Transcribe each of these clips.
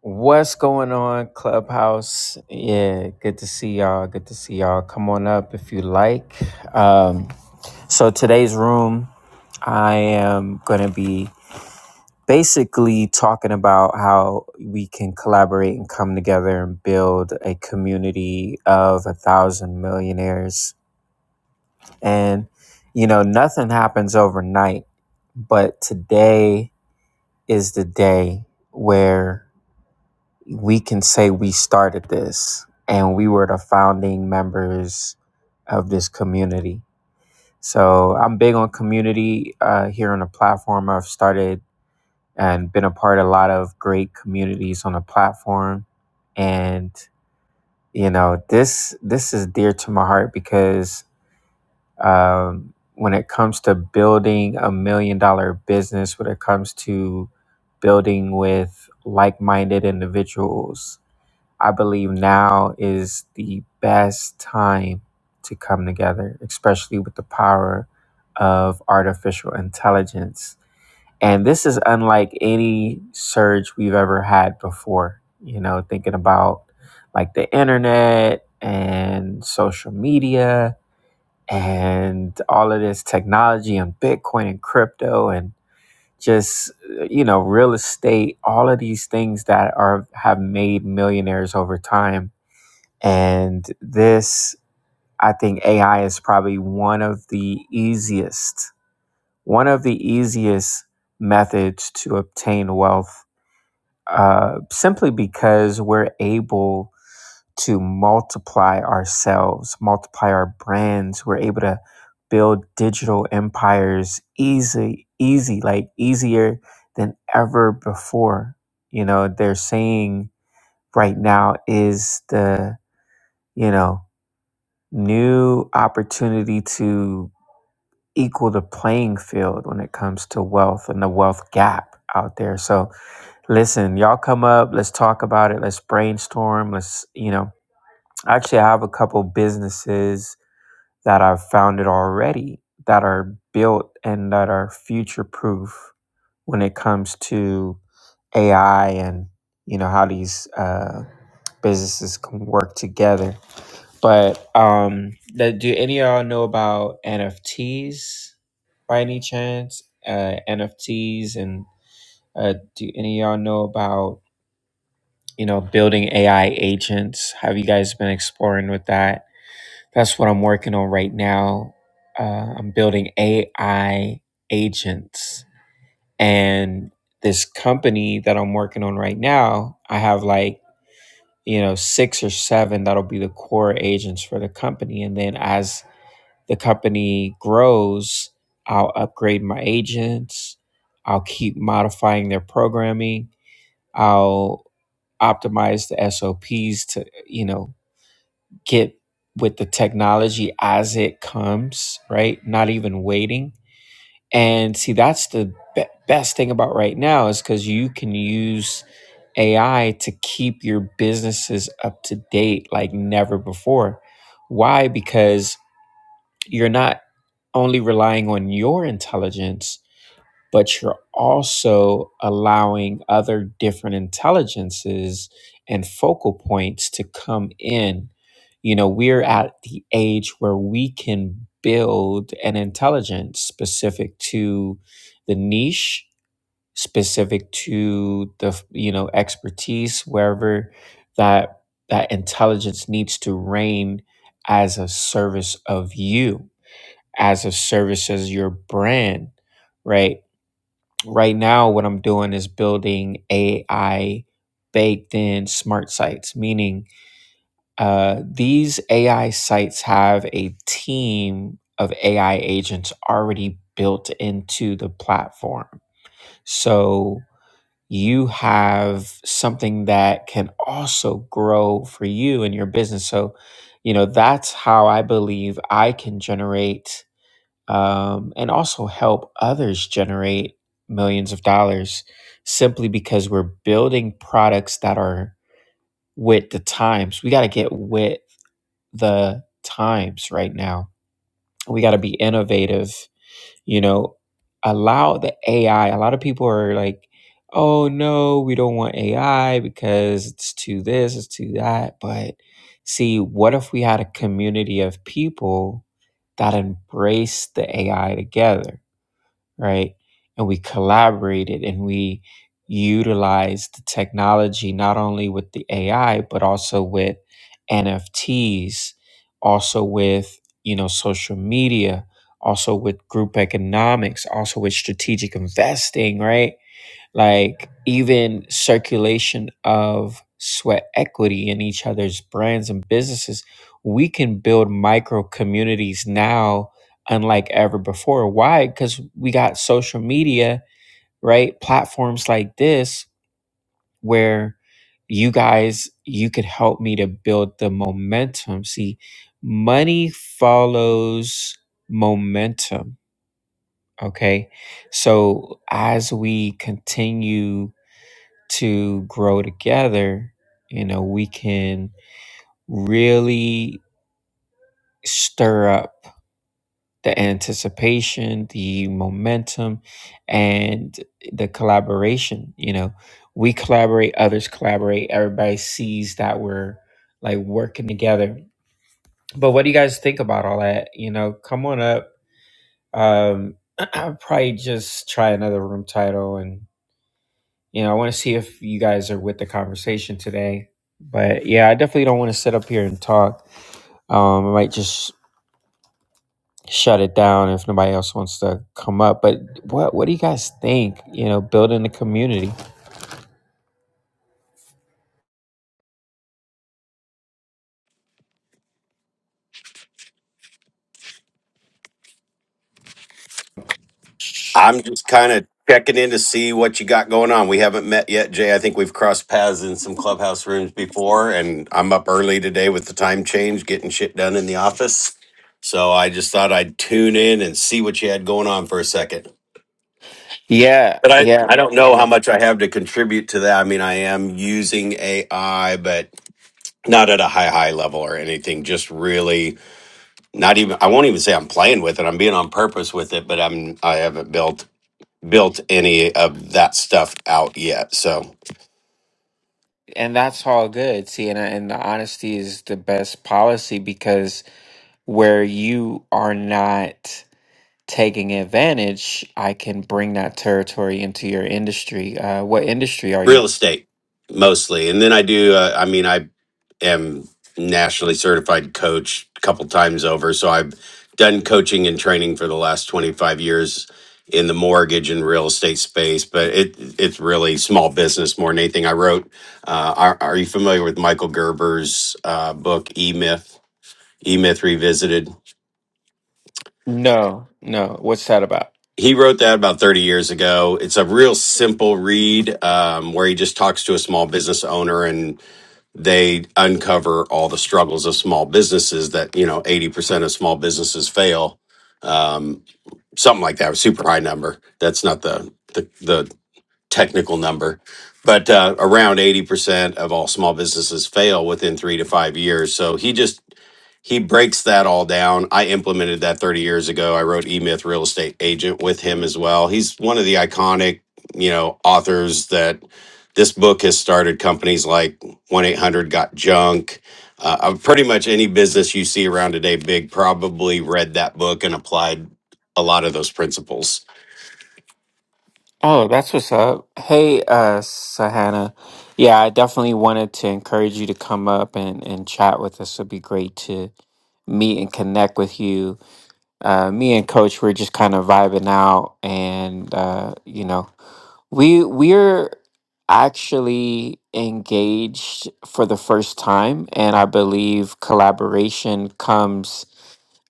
What's going on, Clubhouse? Yeah, good to see y'all. Good to see y'all. Come on up if you like. Um, so, today's room, I am going to be basically talking about how we can collaborate and come together and build a community of a thousand millionaires. And, you know, nothing happens overnight, but today is the day where we can say we started this and we were the founding members of this community. So I'm big on community uh, here on the platform. I've started and been a part of a lot of great communities on the platform, and you know this this is dear to my heart because um, when it comes to building a million dollar business, when it comes to building with like minded individuals, I believe now is the best time to come together, especially with the power of artificial intelligence. And this is unlike any surge we've ever had before. You know, thinking about like the internet and social media and all of this technology and Bitcoin and crypto and just you know real estate all of these things that are have made millionaires over time and this, I think AI is probably one of the easiest, one of the easiest methods to obtain wealth uh, simply because we're able to multiply ourselves, multiply our brands. We're able to build digital empires easy, easy, like easier than ever before. You know, they're saying right now is the, you know, new opportunity to equal the playing field when it comes to wealth and the wealth gap out there. So listen, y'all come up, let's talk about it, let's brainstorm, let's, you know, actually I have a couple businesses that I've founded already that are built and that are future proof when it comes to AI and you know how these uh, businesses can work together but um, that do any of y'all know about NFTs by any chance? Uh, NFTs and uh, do any of y'all know about you know building AI agents? Have you guys been exploring with that? That's what I'm working on right now. Uh, I'm building AI agents, and this company that I'm working on right now, I have like you know six or seven that'll be the core agents for the company, and then as the company grows, I'll upgrade my agents. I'll keep modifying their programming. I'll optimize the SOPs to, you know, get with the technology as it comes, right? Not even waiting. And see, that's the be- best thing about right now is because you can use AI to keep your businesses up to date like never before. Why? Because you're not only relying on your intelligence, but you're also allowing other different intelligences and focal points to come in. You know, we're at the age where we can build an intelligence specific to the niche, specific to the, you know, expertise, wherever that that intelligence needs to reign as a service of you as a service as your brand, right? Right now, what I'm doing is building AI baked in smart sites, meaning uh, these AI sites have a team of AI agents already built into the platform. So you have something that can also grow for you and your business. So, you know, that's how I believe I can generate um, and also help others generate millions of dollars simply because we're building products that are with the times. We got to get with the times right now. We got to be innovative, you know, allow the AI. A lot of people are like, oh no, we don't want AI because it's too this, it's too that. But see, what if we had a community of people that embrace the AI together? right? And we collaborated and we utilized the technology not only with the AI, but also with NFTs, also with, you know, social media, also with group economics, also with strategic investing, right? like even circulation of sweat equity in each other's brands and businesses we can build micro communities now unlike ever before why because we got social media right platforms like this where you guys you could help me to build the momentum see money follows momentum okay so as we continue to grow together, you know, we can really stir up the anticipation, the momentum, and the collaboration. You know, we collaborate, others collaborate, everybody sees that we're like working together. But what do you guys think about all that? You know, come on up. Um, I'll probably just try another room title and You know, I want to see if you guys are with the conversation today. But yeah, I definitely don't want to sit up here and talk. Um, I might just shut it down if nobody else wants to come up. But what what do you guys think? You know, building the community. I'm just kind of checking in to see what you got going on. We haven't met yet, Jay. I think we've crossed paths in some clubhouse rooms before, and I'm up early today with the time change, getting shit done in the office. So I just thought I'd tune in and see what you had going on for a second. Yeah, But I, yeah, I don't know how yeah. much I have to contribute to that. I mean, I am using AI, but not at a high, high level or anything. Just really not even, I won't even say I'm playing with it. I'm being on purpose with it, but I'm, I haven't built built any of that stuff out yet. So And that's all good. See, and and the honesty is the best policy because where you are not taking advantage, I can bring that territory into your industry. Uh, what industry are you? real estate mostly, and then I do. Uh, I mean, I am nationally certified coach a couple times over, so I've done coaching and training for the last twenty five years in the mortgage and real estate space. But it it's really small business more than anything. I wrote. Uh, are, are you familiar with Michael Gerber's uh, book E Myth? E Myth Revisited No, no. What's that about? he wrote that about 30 years ago. It's a real simple read um, where he just talks to a small business owner and they uncover all the struggles of small businesses that, you know, 80% of small businesses fail. Um, something like that, a super high number. That's not the, the, the technical number, but uh, around 80% of all small businesses fail within three to five years. So he just he breaks that all down. I implemented that 30 years ago. I wrote E Myth Real Estate Agent with him as well. He's one of the iconic, you know, authors that this book has started companies like 1 800 Got Junk. Uh, of pretty much any business you see around today, big probably read that book and applied a lot of those principles. Oh, that's what's up. Hey, uh, Sahana. Yeah, I definitely wanted to encourage you to come up and, and chat with us. It'd be great to meet and connect with you. Uh, me and Coach, we're just kind of vibing out, and uh, you know, we we're actually engaged for the first time, and I believe collaboration comes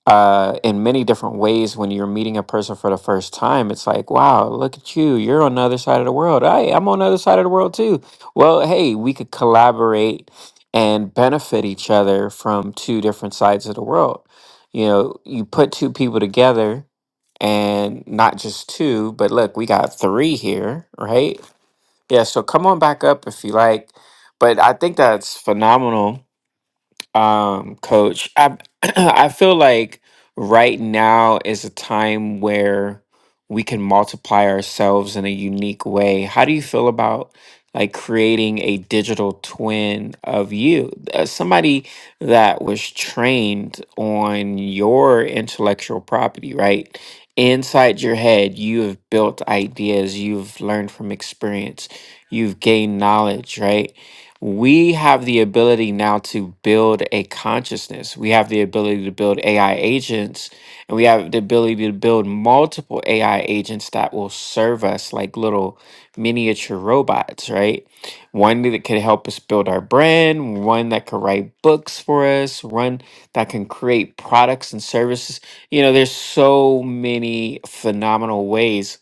uh, in many different ways when you're meeting a person for the first time. It's like, wow, look at you. You're on the other side of the world. Hey, I'm on the other side of the world too. Well, hey, we could collaborate and benefit each other from two different sides of the world. You know, you put two people together and not just two, but look, we got three here, right? Yeah, so come on back up if you like. But I think that's phenomenal um, coach. I I feel like right now is a time where we can multiply ourselves in a unique way. How do you feel about like creating a digital twin of you, Uh, somebody that was trained on your intellectual property, right? Inside your head, you have built ideas, you've learned from experience, you've gained knowledge, right? we have the ability now to build a consciousness. We have the ability to build AI agents, and we have the ability to build multiple AI agents that will serve us like little miniature robots, right? One that could help us build our brand, one that could write books for us, one that can create products and services. You know, there's so many phenomenal ways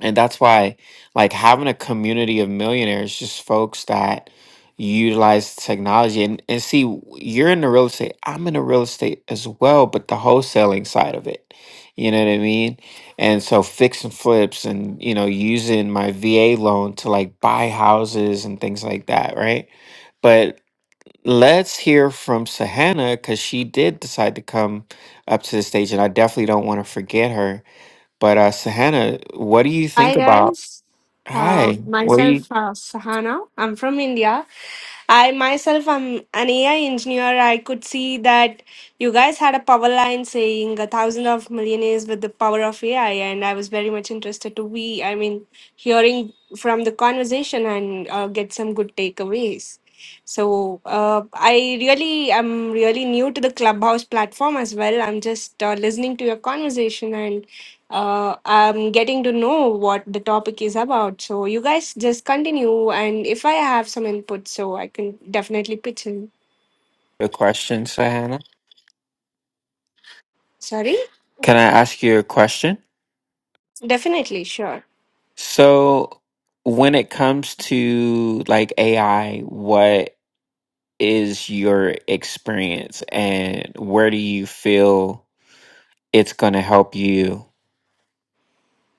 and that's why, like, having a community of millionaires, just folks that utilize technology. And, and see, w- you're in the real estate, I'm in the real estate as well, but the wholesaling side of it. You know what I mean? And so, fix and flips and, you know, using my VA loan to like buy houses and things like that, right? But let's hear from Sahana because she did decide to come up to the stage, and I definitely don't want to forget her. But, uh, Sahana, what do you Hi think about? guys, uh, Hi, what are you? myself uh, Sahana. I'm from India. I myself am an AI engineer. I could see that you guys had a power line saying a thousand of millionaires with the power of AI, and I was very much interested to be. I mean, hearing from the conversation and uh, get some good takeaways. So uh, I really am really new to the Clubhouse platform as well. I'm just uh, listening to your conversation and uh, I'm getting to know what the topic is about. So you guys just continue, and if I have some input, so I can definitely pitch in. A question, Sahana? Sorry, Can I ask you a question? definitely, sure. So, when it comes to like AI, what is your experience and where do you feel it's going to help you?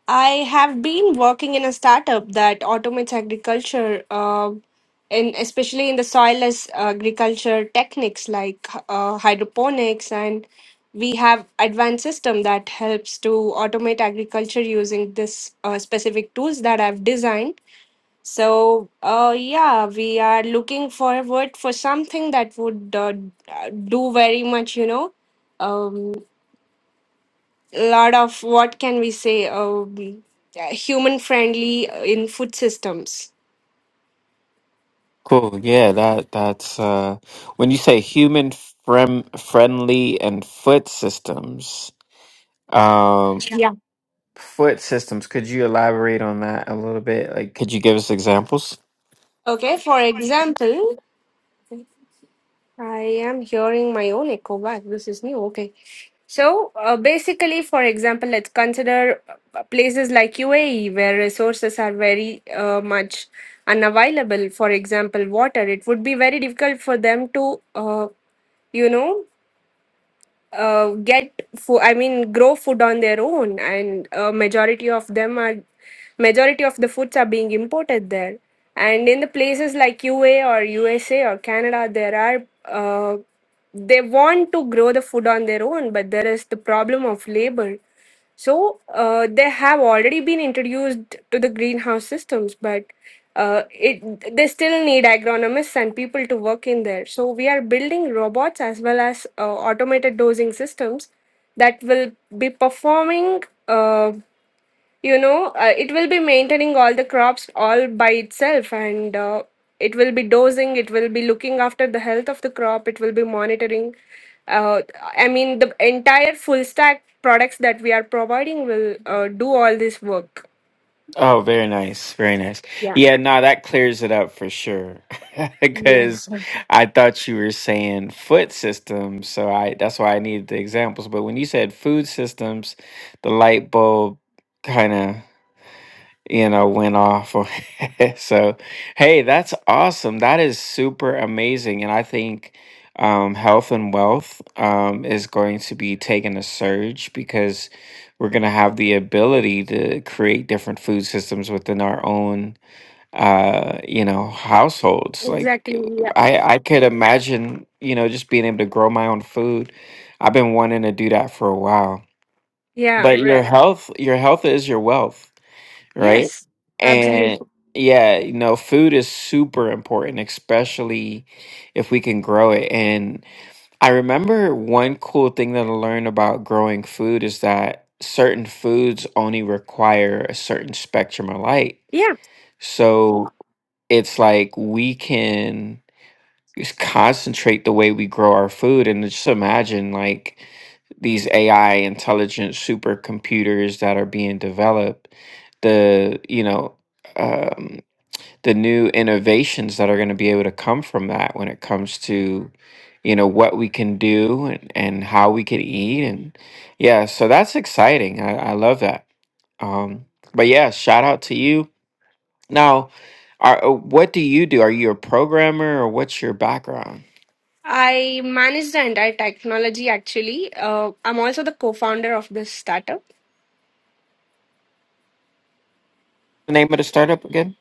I have been working in a startup that automates agriculture, uh, in especially in the soilless agriculture techniques like uh, hydroponics, and we have advanced system that helps to automate agriculture using this uh, specific tools that I've designed. So, uh, yeah, we are looking forward for something that would uh, do very much, you know. Um, lot of what can we say um, human friendly uh, in food systems Cool. Yeah, that that's uh when you say human frem friendly and foot systems. Um Yeah. Yeah. foot systems, could you elaborate on that a little bit? Like could you give us examples? okay for example i am hearing my own echo back this is new okay so uh, basically for example let's consider uh, places like uae where resources are very uh, much unavailable for example water it would be very difficult for them to uh, you know uh, get food i mean grow food on their own and uh, majority of them are majority of the foods are being imported there and in the places like ua or usa or canada there are uh, they want to grow the food on their own but there is the problem of labor so uh, they have already been introduced to the greenhouse systems, but uh, it they still need agronomists and people to work in there. So we are building robots as well as uh, automated dosing systems that will be performing. Uh, you know uh, it will be maintaining all the crops all by itself and uh, it will be dosing it will be looking after the health of the crop it will be monitoring uh, i mean the entire full stack products that we are providing will uh, do all this work Oh, very nice. Very nice. yeah Yeah, no, that clears it up for sure. yeah Because I thought you were saying foot systems, so I that's why I needed the examples. But when you said food systems, the light bulb kind of you know, went off. on- so, hey, that's awesome. That is super amazing. And I think um, health and wealth um, is going to be taking a surge because we're going to have the ability to create different food systems within our own, uh, you know, households. Like, exactly yeah I, I could imagine, you know, just being able to grow my own food. I've been wanting to do that for a while. yeah But your right health, your health is your wealth right? yes And absolutely yeah, you know, food is super important, especially if we can grow it. And I remember one cool thing that I learned about growing food is that certain foods only require a certain spectrum of light. yeah So it's like we can just concentrate the way we grow our food and just imagine like these AI intelligent supercomputers that are being developed, the you know um, the new innovations that are going to be able to come from that when it comes to you know what we can do and, and how we can eat and yeah, so that's exciting. I, I love that. Um, but yeah, shout out to you. Now, are, uh, what do you do? Are you a programmer or what's your background? i manage the entire technology actually uh, i'm also the co-founder of this startup The name of the startup again?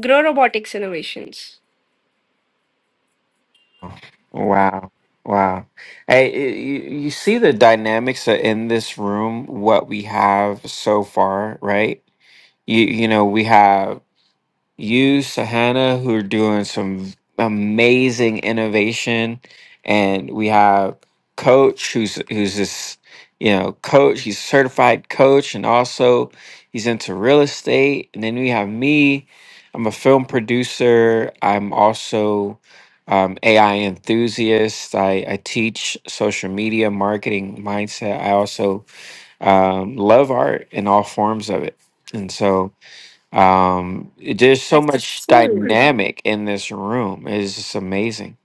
grow robotics innovations Wow. Wow. Hey, i- you, you see the dynamics a- in this room, what we have so far, right? You, you know, we have you, Sahana, who are doing some amazing innovation, and we have Coach, who's who's this, you know, coach. He's a certified coach, and also he's into real estate. And then we have me. I'm a film producer. I'm also um, AI enthusiast. I, I teach social media marketing mindset. I also um, love art in all forms of it, and so. Um, there's so that's much cool dynamic in this room. It's just amazing.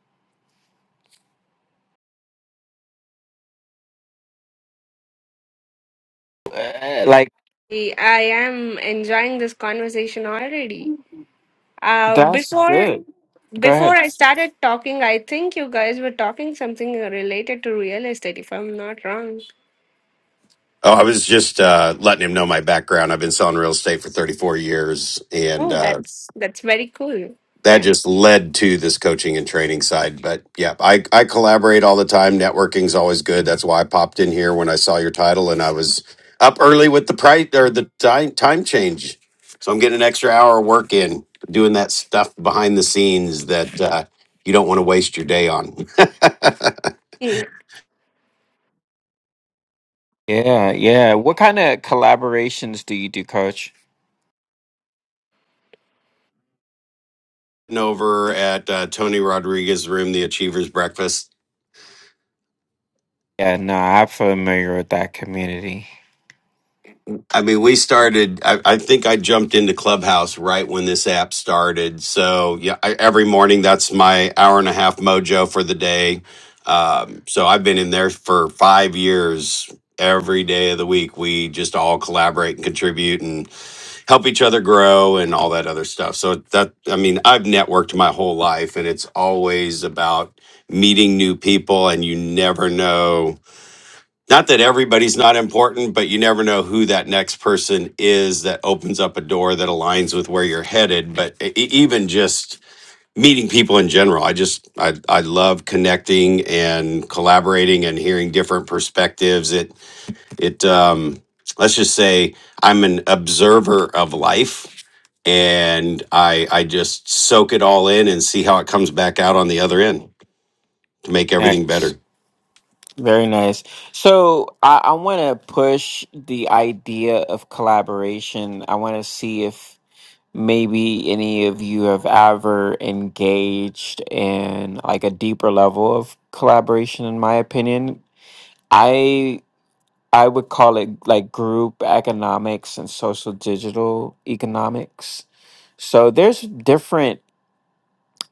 Uh, Like I am enjoying this conversation already. Uh, that's before good. Go before ahead. I started talking, I think you guys were talking something related to real estate, if I'm not wrong. Oh, I was just uh, letting him know my background. I've been selling real estate for 34 years and Oh, uh, that's that's very cool. that Yeah. just led to this coaching and training side. But yeah, I, I collaborate all the time. Networking's always good. That's why I popped in here when I saw your title and I was up early with the price or the time, time change. So I'm getting an extra hour of work in doing that stuff behind the scenes that uh, you don't want to waste your day on. Yeah. Yeah, yeah. What kind of collaborations do you do, Coach? over at uh, Tony Rodriguez's room, the Achievers Breakfast Yeah, no, I'm familiar with that community. I mean, we started. I, I think I jumped into Clubhouse right when this app started. So yeah, I, every morning that's my hour and a half mojo for the day. Um, so I've been in there for five years. Every day of the week, we just all collaborate and contribute and help each other grow and all that other stuff. So that I mean, I've networked my whole life, and it's always about meeting new people, and you never know not that everybody's not important, but you never know who that next person is that opens up a door that aligns with where you're headed. But e- e- even just meeting people in general, I just I I love connecting and collaborating and hearing different perspectives. It it um let's just say I'm an observer of life and I I just soak it all in and see how it comes back out on the other end to make everything Nice. better. Very nice. So I, I want to push the idea of collaboration. I want to see if maybe any of you have ever engaged in like a deeper level of collaboration in my opinion i i would call it like group economics and social digital economics so there's different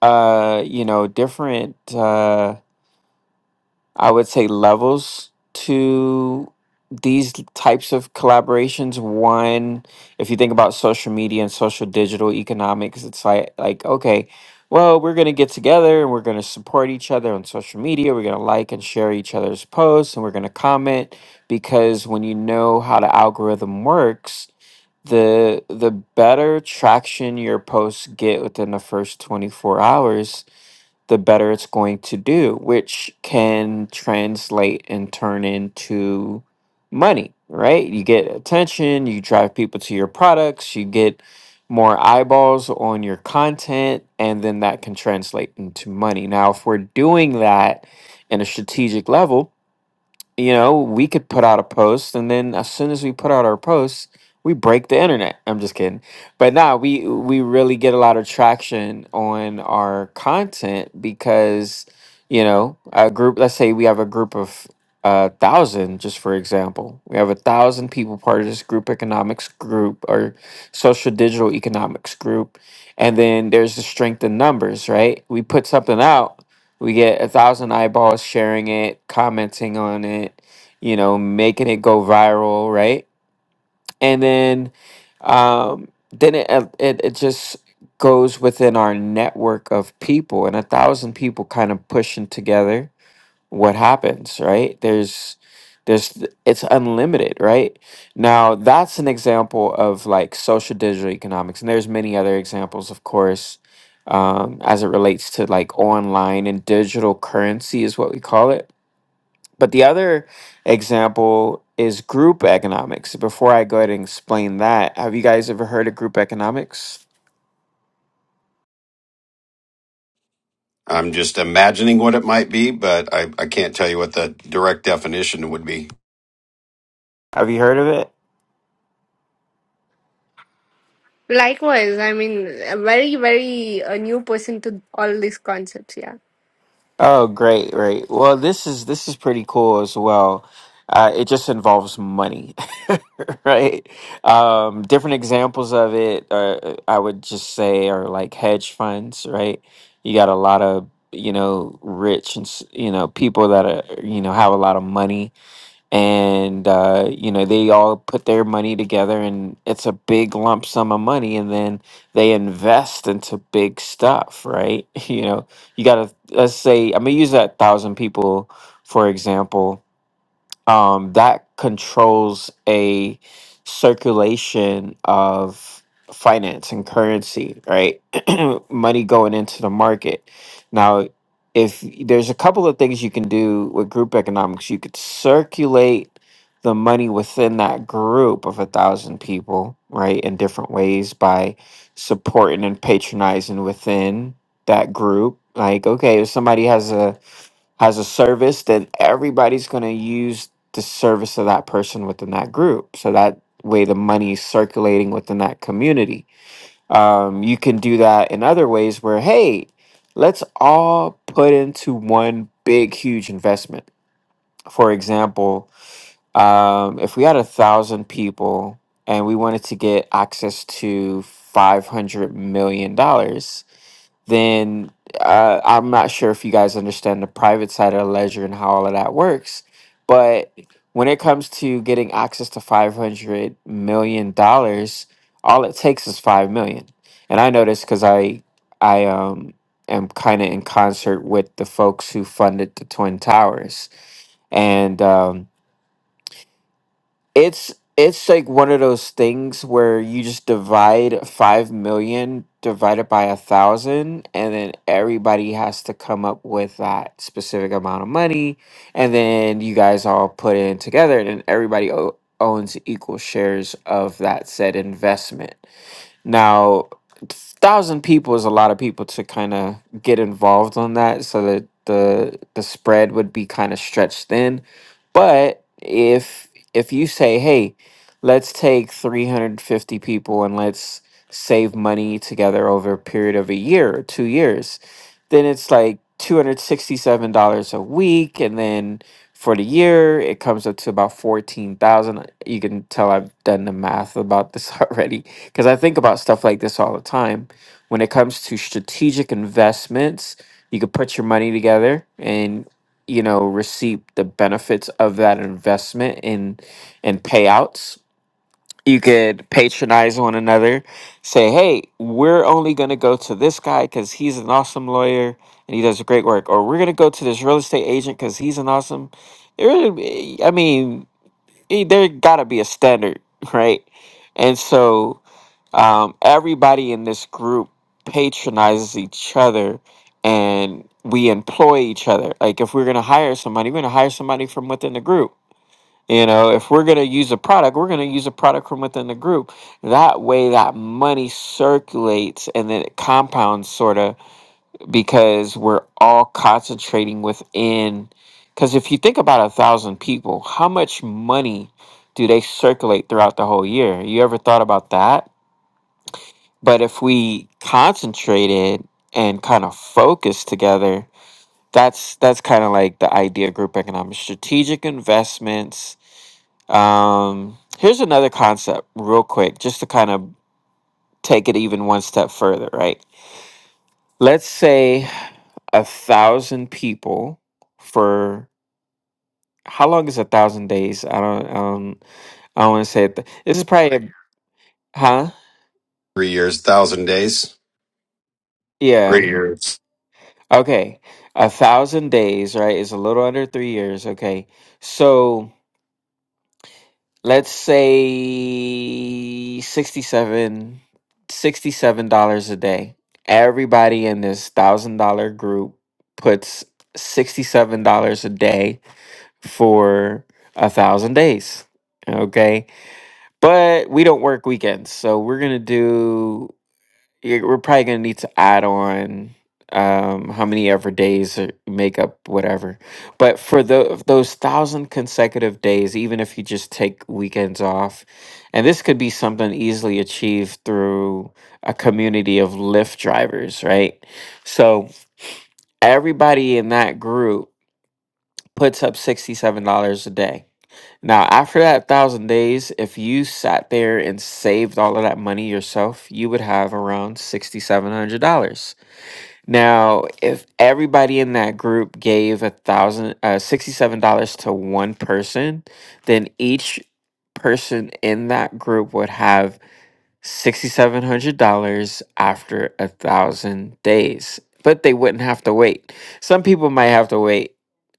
uh you know different uh I would say levels to these types of collaborations. One, if you think about social media and social digital economics, it's like like okay, well, we're gonna get together and we're gonna support each other on social media. We're gonna like and share each other's posts and we're gonna comment because when you know how the algorithm works, the the better traction your posts get within the first 24 hours the better it's going to do, which can translate and turn into money, right? You get attention, you drive people to your products, you get more eyeballs on your content, and then that can translate into money. Now, if we're doing that in a strategic level, you know, we could put out a post, and then as soon as we put out our posts, we break the internet. I'm just kidding, but nah, we we really get a lot of traction on our content because you know a group. Let's say we have a group of a thousand, just for example, we have a thousand people part of this group economics group or social digital economics group, and then there's the strength in numbers, right? We put something out we get a thousand eyeballs sharing it, commenting on it, you know, making it go viral, right? And then, um, then it uh, it, it just goes within our network of people, and a thousand people kind of pushing together what happens right there's there's it's unlimited right now that's an example of like social digital economics and there's many other examples of course um, as it relates to like online and digital currency is what we call it but the other example is group economics before i go ahead and explain that have you guys ever heard of group economics I'm just imagining what it might be, but I, I can't tell you what the direct definition would be. have you heard of it Likewise, I mean, a very, very a new person to all these concepts. Yeah. Oh, great, great. Well, this is this is pretty cool as well. Uh, it just involves money, right? Um, different examples of it, uh, uh, I would just say, are like hedge funds, right? You got a lot of you know rich and s- you know people that are you know have a lot of money and uh, you know they all put their money together and it's a big lump sum of money and then they invest into big stuff right you know you gotta let's say i'm gonna use that thousand people for example um, that controls a circulation of finance and currency, right? Money going into the market. Now, if there's a couple of things you can do with group economics, you could circulate the money within that group of a thousand people, right, in different ways by supporting and patronizing within that group. Like, okay, if somebody has a has a service, then everybody's going to use the service of that person within that group. So that way the money is circulating within that community. Um, you can do that in other ways where, hey, let's all put into one big, huge investment. For example, um, if we had a thousand people and we wanted to get access to $500 million, dollars, then uh, I'm not sure if you guys understand the private side of ledger and how all of that works. But when it comes to getting access to $500 million, dollars, all it takes is $5 million. And I know this because I, I um, am kind of in concert with the folks who funded the Twin Towers. And um, it's it's like one of those things where you just divide five million divided by a thousand and then everybody has to come up with that specific amount of money and then you guys all put in together and everybody o- owns equal shares of that said investment now, thousand people is a lot of people to kind of get involved on that, so that the the spread would be kind of stretched thin. But if if you say, hey, let's take three hundred fifty people and let's save money together over a period of a year or two years, then it's like two hundred sixty seven dollars a week, and then for the year it comes up to about fourteen thousand. You can tell I've done the math about this already because I think about stuff like this all the time. When it comes to strategic investments, you could put your money together and you know receive the benefits of that investment in and payouts. You could patronize one another, say, "Hey, we're only going to go to this guy because he's an awesome lawyer and he does great work," or "We're going to go to this real estate agent because he's an awesome." It really, I mean, eh, there got to be a standard, right? And so um, everybody in this group patronizes each other and we employ each other. Like if we're gonna hire somebody, we're gonna hire somebody from within the group. You know, if we're gonna use a product, we're gonna use a product from within the group. That way, that money circulates and then it compounds, sort of, because we're all concentrating within. Because if you think about a thousand people, how much money do they circulate throughout the whole year? You ever thought about that? But if we concentrated and kind of focused together, that's that's kind of like the idea of group economics, strategic investments. Um, here's another concept, real quick, just to kind of take it even one step further, right? Let's say a thousand people for how long is a thousand days? I don't, um, I don't want to say it. This is probably, a- huh? Three years, thousand days. Yeah. Okay, a thousand days, right, is a little under three years. Okay, so let's say sixty-seven, sixty-seven dollars a day. Everybody in this thousand dollar group puts $67 a day for a thousand days. Okay, but we don't work weekends, so we're gonna do yeah, we're probably gonna need to add on um how many ever days or make up whatever but for the those thousand consecutive days even if you just take weekends off and this could be something easily achieved through a community of lyft drivers right so everybody in that group puts up $67 a day now after that thousand days if you sat there and saved all of that money yourself you would have around $6700 now, if everybody in that group gave a thousand uh sixty-seven dollars to one person, then each person in that group would have sixty-seven hundred dollars after a thousand days. But they wouldn't have to wait. Some people might have to wait,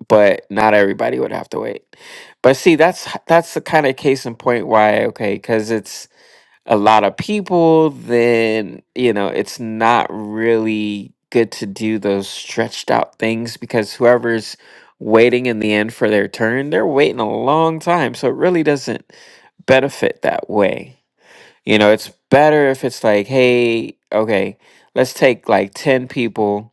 but not everybody would have to wait. But see, that's that's the kind of case in point why, okay, because it's a lot of people, then you know it's not really good to do those stretched out things because whoever's waiting in the end for their turn, they're waiting a long time. So it really doesn't benefit that way. You know, it's better if it's like, hey, okay, let's take like 10 people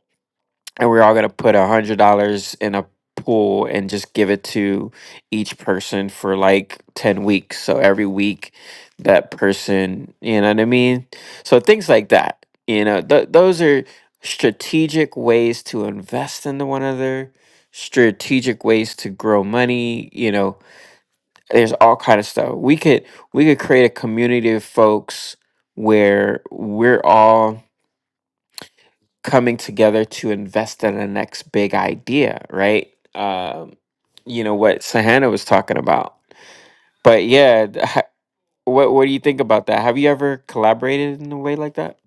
and we're all gonna put a hundred dollars in a pool and just give it to each person for like 10 weeks so every week that person you know what i mean so things like that you know th- those are strategic ways to invest into one another strategic ways to grow money you know there's all kind of stuff we could we could create a community of folks where we're all coming together to invest in the next big idea, right? Um, you know what Sahana was talking about. But yeah, th- ha- what what do you think about that? Have you ever collaborated in a way like that?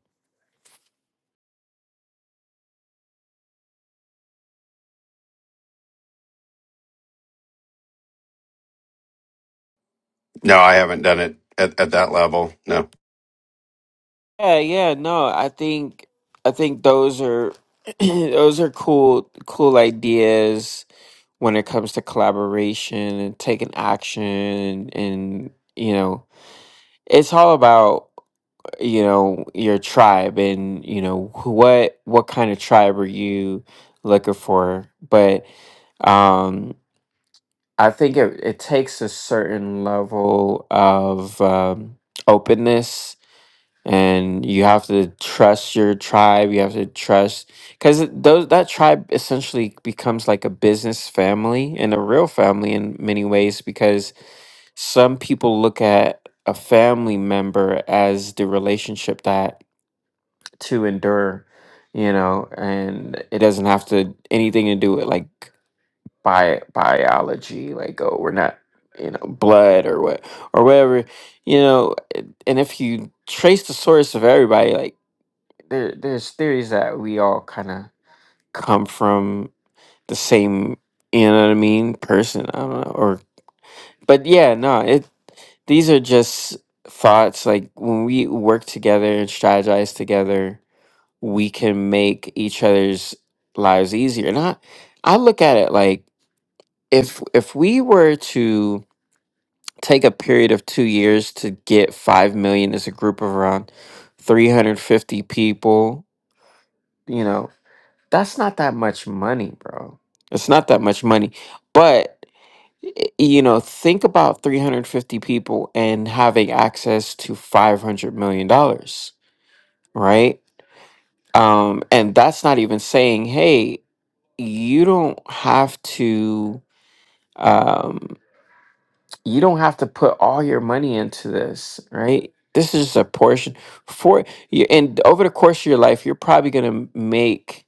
No, I haven't done it at, at that level. No. Yeah, yeah, no, I think I think those are those are cool cool ideas when it comes to collaboration and taking action and you know, it's all about you know your tribe and you know who- what what kind of tribe are you looking for but um i think it, it takes a certain level of um, openness and you have to trust your tribe you have to trust because those that tribe essentially becomes like a business family and a real family in many ways because some people look at a family member as the relationship that to endure, you know, and it doesn't have to anything to do with like bi- biology, like oh we're not you know blood or what or whatever, you know. a- And if you trace the source of everybody, like there there's theories that we all kind of come from the same, you know what I mean, person. I don't know, or but yeah, no, it these are just thoughts like when we work together and strategize together we can make each other's lives easier. And I, I look at it like if if we were to take a period of two years to get five million as a group of around three hundred fifty people, you know, that's not that much money, bro. It's not that much money, but y- you know, think about 350 people and having access to 500 million dollars, right? Um, and that's not even saying, hey, you don't have to um you don't have to put all your money into this right this is just a portion for you and over the course of your life you're probably going to make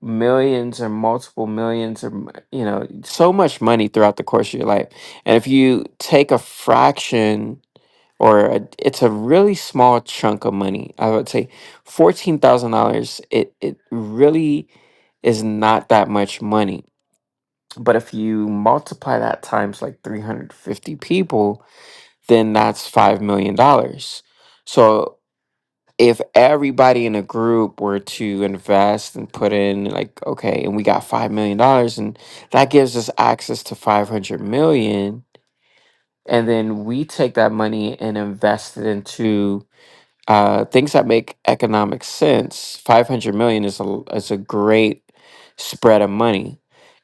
millions or multiple millions or m- you know so much money throughout the course of your life and if you take a fraction or a, it's a really small chunk of money i would say $14000 it it really is not that much money But if you multiply that times like 350 people, then that's $5 million. dollars. So if everybody in a group were to invest and put in, like, okay, and we got $5 million, dollars, and that gives us access to 500 million. And then we take that money and invest it into uh, things that make economic sense, 500 million is a, l- is a great spread of money.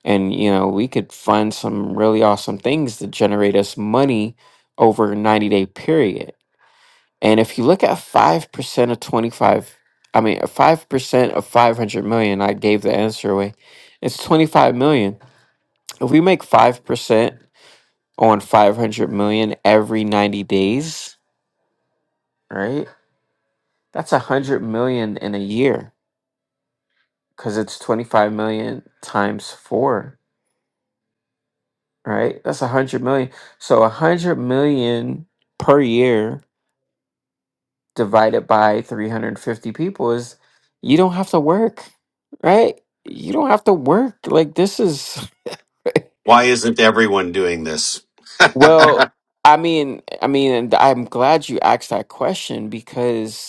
And, you know, we could fund some really awesome things that generate us money over a 90 day period. And if you look at 5% of 25, I mean, 5% of 500 million, I gave the answer away, it's 25 million. If we make 5% on 500 million every 90 days, right? That's 100 million in a year because it's 25 million times four, right? That's 100 million. So 100 million per year divided by 350 people is you don't have to work, right? You don't have to work. Like, this is, Why isn't everyone doing this? well, I mean, I mean, and I'm glad you asked that question because.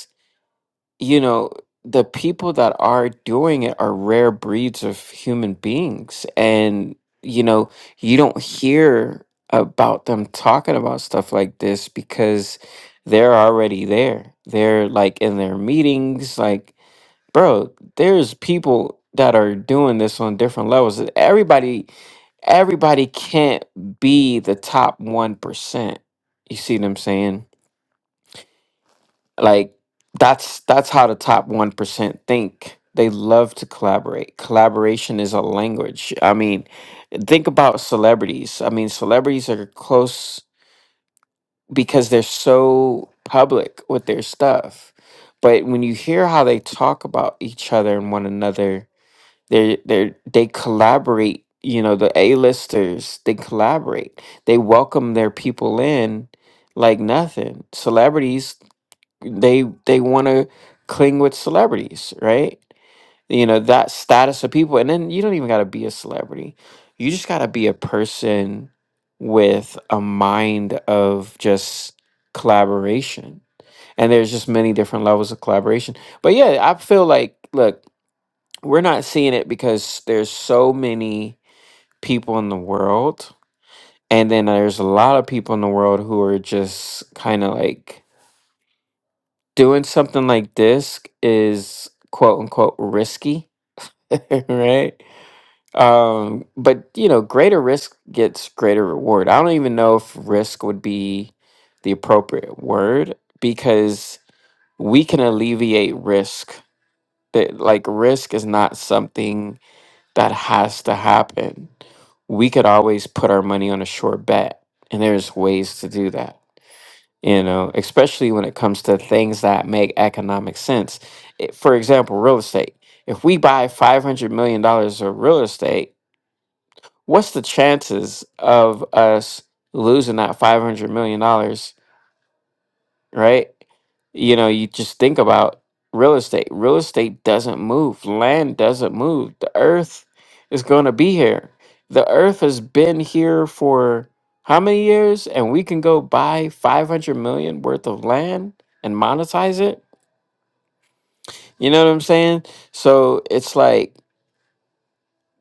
you know, the people that are doing it are rare breeds of human beings. And, you know, you don't hear about them talking about stuff like this because they're already there. They're like in their meetings, like, bro, there's people that are doing this on different levels. Everybody everybody can't be the top 1%. You see what I'm saying? like that's that's how the top 1% think they love to collaborate collaboration is a language i mean think about celebrities i mean celebrities are close because they're so public with their stuff but when you hear how they talk about each other and one another they they they collaborate you know the a-listers they collaborate they welcome their people in like nothing celebrities they they want to cling with celebrities, right? You know, that status of people. And then you don't even got to be a celebrity. You just got to be a person with a mind of just collaboration. And there's just many different levels of collaboration. But yeah, I feel like look, we're not seeing it because there's so many people in the world and then there's a lot of people in the world who are just kind of like doing something like this is quote unquote risky, right? Um, but you know, greater risk gets greater reward. I don't even know if risk would be the appropriate word because we can alleviate risk. That like risk is not something that has to happen. We could always put our money on a short bet, and there's ways to do that you know, especially when it comes to things that make economic sense. It- For example, real estate. If we buy $500 million dollars of real estate, what's the chances of us losing that $500 million dollars right? You know, you just think about real estate. Real estate doesn't move, land doesn't move. The earth is going to be here. The earth has been here for how many years? And we can go buy 500 million worth of land and monetize it. You know what I'm saying? So it's like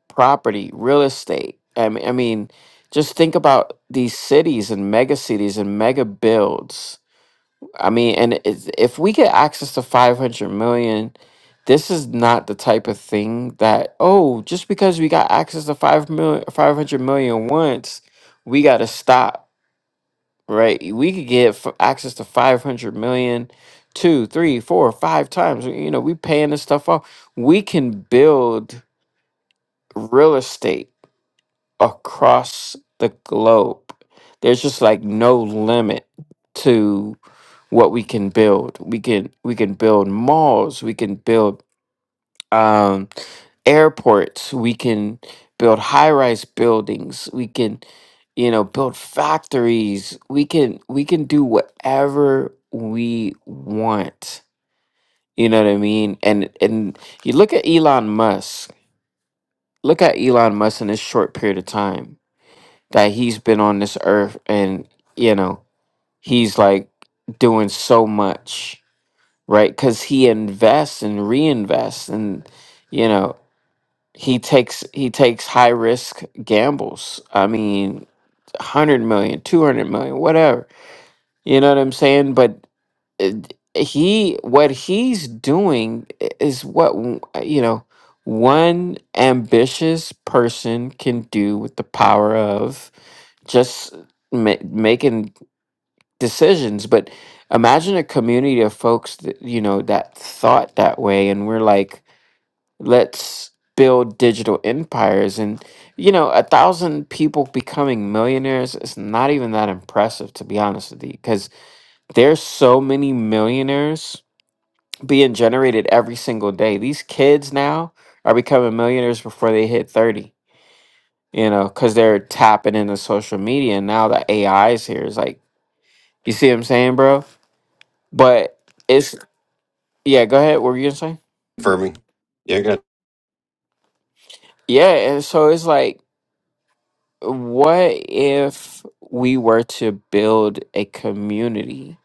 property, real estate. I mean, I mean, just think about these cities and mega cities and mega builds I mean, and if if we get access to 500 million, this is not the type of thing that, oh, just because we got access to five million, five hundred million once, we got to stop, right? We could get f- access to 500 million two, three, four, five times. You know, we paying this stuff off. We can build real estate across the globe. There's just like no limit what we can build. We can we can build malls. We can build um, airports. We can build high rise buildings. We can you know build factories. We can we can do whatever we want. You know what I mean? And and you look at Elon Musk. Look at Elon Musk in this short period of time that he's been on this earth, and you know he's like doing so much right? Because he invests and reinvests, and you know he takes he takes high risk gambles. I mean, a hundred million, two hundred million, whatever. You know what I'm saying? But uh, he what he's doing i- is what w- you know one ambitious person can do with the power of just ma- making decisions but imagine a community of folks that you know that thought that way and we're like let's build digital empires and you know a thousand people becoming millionaires is not even that impressive to be honest with you because there's so many millionaires being generated every single day these kids now are becoming millionaires before they hit 30 you know because they're tapping into social media and now the ai is here. It's like you see what i'm saying bro but it's Yeah, go ahead. What were you gonna say? Confirming. Yeah, good. Yeah, and so it's like, what if we were to build a community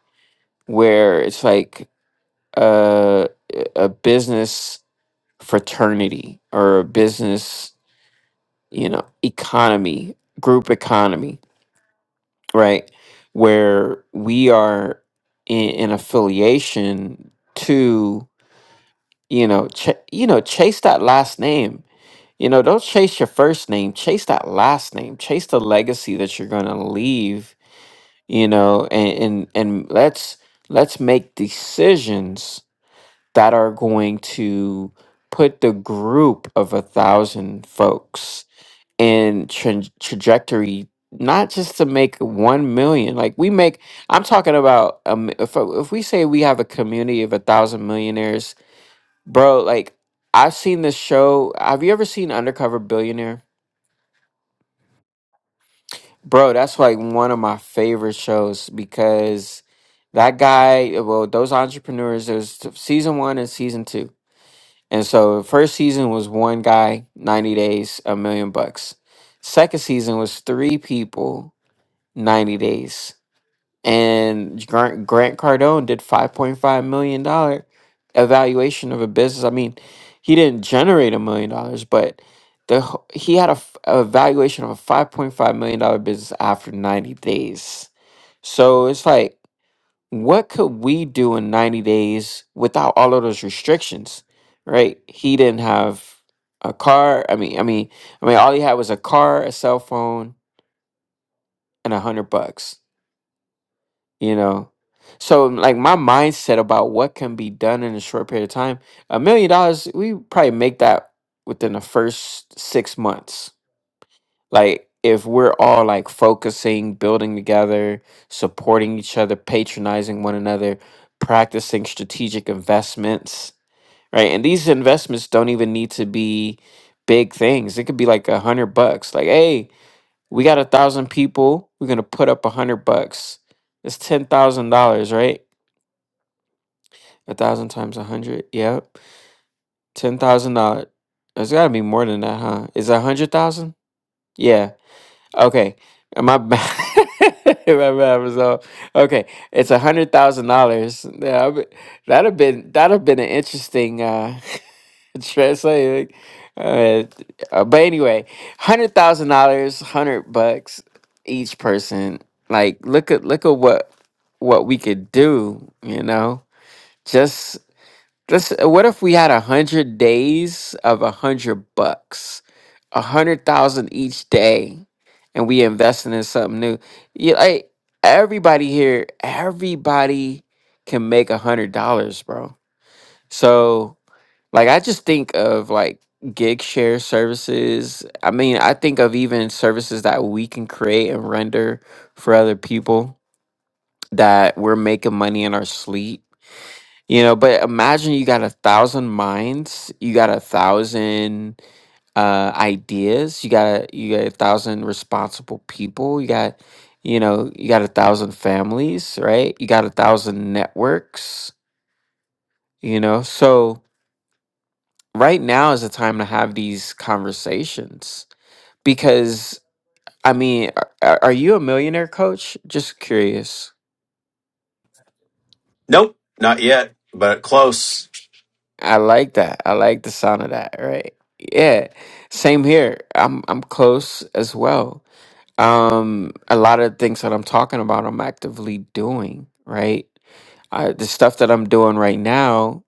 where it's like a a business fraternity or a business, you know, economy, group economy, right? Where we are in, in affiliation to, you know, ch- you know, chase that last name You know, don't chase your first name, chase that last name, chase the legacy that you're going to leave, you know, and, and and let's let's make decisions that are going to put the group of a thousand folks in tra- trajectory not just to make 1 million like we make i'm talking about um, if, if we say we have a community of a thousand millionaires bro like i've seen this show have you ever seen undercover billionaire Bro, that's like one of my favorite shows because that guy, well, those entrepreneurs, there's t- season one and season two. And so first season was one guy, 90 days, a million bucks. Second season was three people, 90 days and Grant, Grant Cardone did five point five million dollar evaluation of a business. I mean, he didn't generate a million dollars, but the wh- he had a, f- a valuation of a five point five million dollar business after ninety days. So it's like, what could we do in ninety days without all of those restrictions? Right? He didn't have a car. I mean, I mean, I mean, all he had was a car, a cell phone, and a hundred bucks you know so like my mindset about what can be done in a short period of time a million dollars we probably make that within the first six months like if we're all like focusing building together supporting each other patronizing one another practicing strategic investments right and these investments don't even need to be big things it could be like a hundred bucks like hey we got a thousand people we're gonna put up a hundred bucks it's ten thousand dollars, right? A thousand times a hundred. Yep. Ten thousand dollars. It's gotta be more than that, huh? Is that a hundred thousand? Yeah. Okay. Uh, My bad. My bad was off. Okay. It's a hundred thousand dollars. Yeah, I be- that'd have been that'd have been an interesting uh translate. like, Uh, uh, but anyway, hundred thousand dollars, hundred bucks each person. Like look at look at what what we could do, you know? just. Just what if we had a hundred days of a hundred bucks, a hundred thousand each day, and we invested in something new? Yeah, like everybody here, everybody can make a hundred dollars, bro. So, like, I just think of like gig share services. I mean, I think of even services that we can create and render for other people that we're making money in our sleep you know, but imagine you got a thousand minds, you got a thousand uh ideas, you got a, you got a thousand responsible people, you got you know, you got a thousand families, right? You got a thousand networks, you know. So right now is the time to have these conversations because I mean, are, are you a millionaire coach? Just curious. Nope, not yet, but close. I like that. I like the sound of that, right? Yeah. Same here. I'm I'm close as well. Um a lot of things that I'm talking about I'm actively doing, right? I, the stuff that I'm doing right now,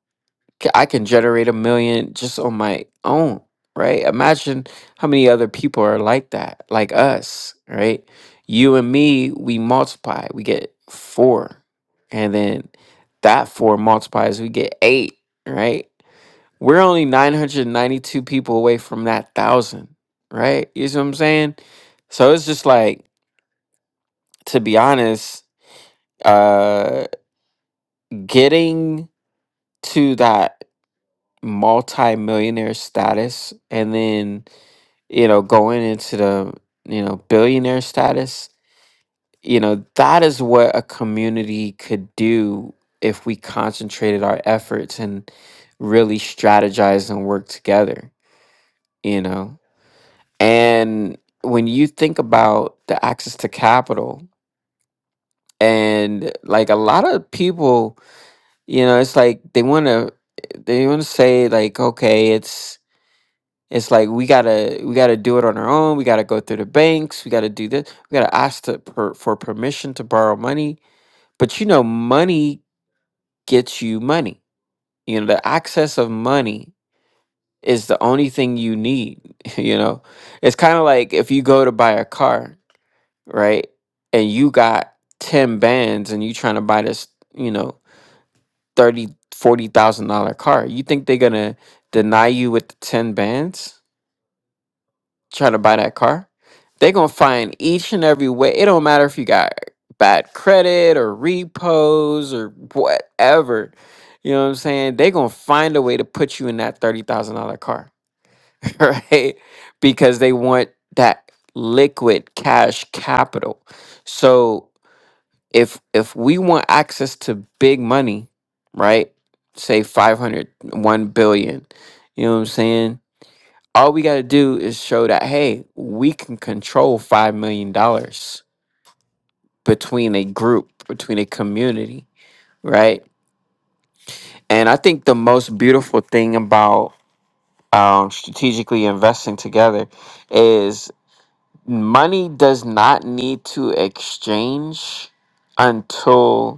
c- I can generate a million just on my own, right? Imagine how many other people are like that, like us, right? You and me, we multiply, we get 4. And then that 4 multiplies, we get 8, right? We're only 992 people away from that thousand, right? You see what I'm saying? So it's just like, to be honest, uh getting to that multi-millionaire status and then, you know, going into the, you know, billionaire status, you know, that is what a community could do if we concentrated our efforts and really strategize and work together, you know. And when you think about the access to capital, and like a lot of people, you know, it's like they want to they want to say like, okay, it's it's like we gotta we gotta do it on our own. We gotta go through the banks. We gotta do this. We gotta ask to, per, for permission to borrow money. But you know, money gets you money. You know, the access of money is the only thing you need. You know, it's kind of like if you go to buy a car. right? And you got 10 bands and you trying to buy this, you know, 30, 40,000 dollar car. You think they're going to deny you with the 10 bands trying to buy that car? They're going to find each and every way. It don't matter if you got bad credit or repos or whatever. You know what I'm saying? They're going to find a way to put you in that $30,000 car, right? Because they want that liquid cash capital. So if if we want access to big money, right? Say five hundred one billion. You know what I'm saying? All we got to do is show that hey, we can control 5 million dollars between a group, between a community, right? And I think the most beautiful thing about um, strategically investing together is money does not need to exchange until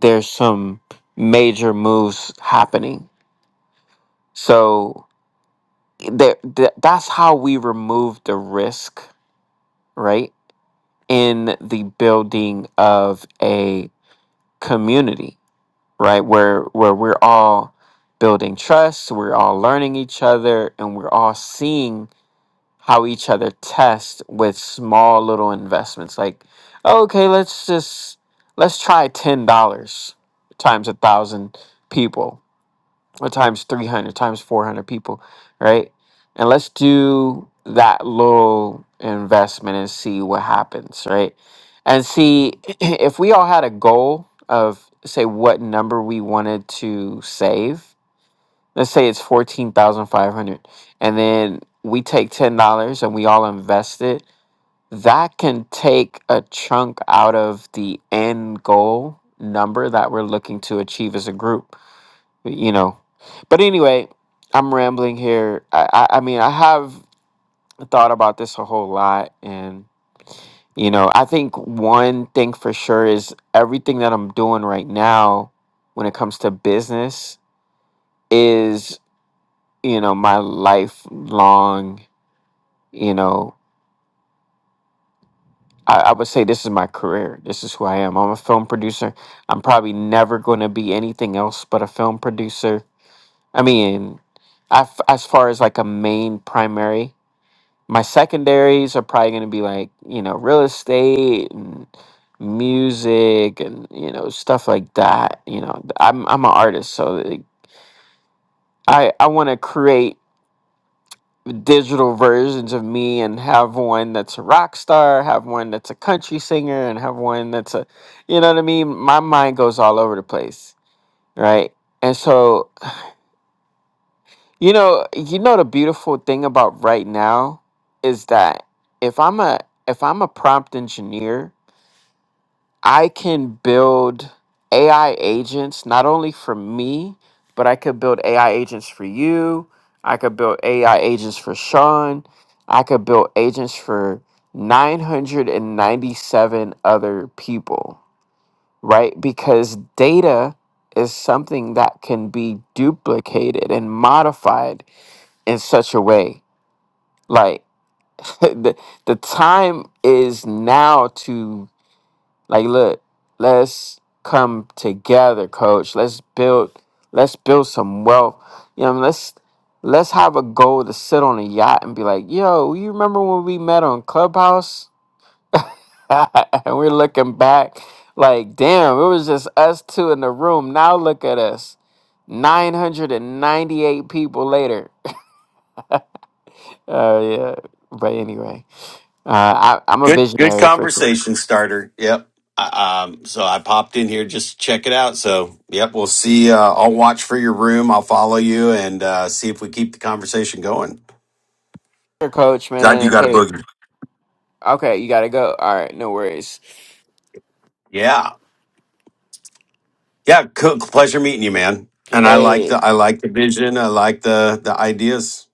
there's some major moves happening. So there, th- that's how we remove the risk, right? In the building of a community, right? Where where we're all building trust, we're all learning each other, and we're all seeing how each other test with small little investments. Like, okay, let's just let's try ten dollars times a thousand people or times 300 times 400 people right and let's do that little investment and see what happens right and see if we all had a goal of say what number we wanted to save let's say it's 14500 and then we take $10 and we all invest it that can take a chunk out of the end goal number that we're looking to achieve as a group you know. But anyway, I'm rambling here. I, I, I mean, I have thought about this a whole lot. And, you know, I think one thing for sure is everything that I'm doing right now when it comes to business is, you know, my lifelong, you know, I, I would say this is my career. This is who I am. I'm a film producer. I'm probably never going to be anything else but a film producer. I mean, I f as far as like a main primary. my secondaries are probably going to be like you know real estate and music and you know stuff like that you know i'm i'm an artist so like, i i want to create digital versions of me and have one that's a rock star have one that's a country singer and have one that's a you know what i mean my mind goes all over the place right and so you know you know the beautiful thing about right now is that if i'm a if i'm a prompt engineer I can build AI agents not only for me, but I could build AI agents for you. I could build AI agents for Sean. I could build agents for 997 other people, right? Because data is something that can be duplicated and modified in such a way. Like the, the time is now to. Like, look, let's come together, coach. Let's build let's build some wealth. You know, let's let's have a goal to sit on a yacht and be like, yo, you remember when we met on Clubhouse? and we're looking back like, damn, it was just us two in the room. Now look at us. 998 people later. Oh yeah. But anyway, uh, I, I'm a Good, good visionary for sure. conversation starter. Yep. I- Um, so I popped in here just to check it out. So, yep, we'll see. Uh, I'll watch for your room. I'll follow you and uh, see if we keep the conversation going. Coach, I do man. got a Hey, boogie. okay, you gotta go. All right, no worries. Yeah, Yeah, cool. pleasure meeting you, man. And I like Hey, the I like the vision. I like the the ideas.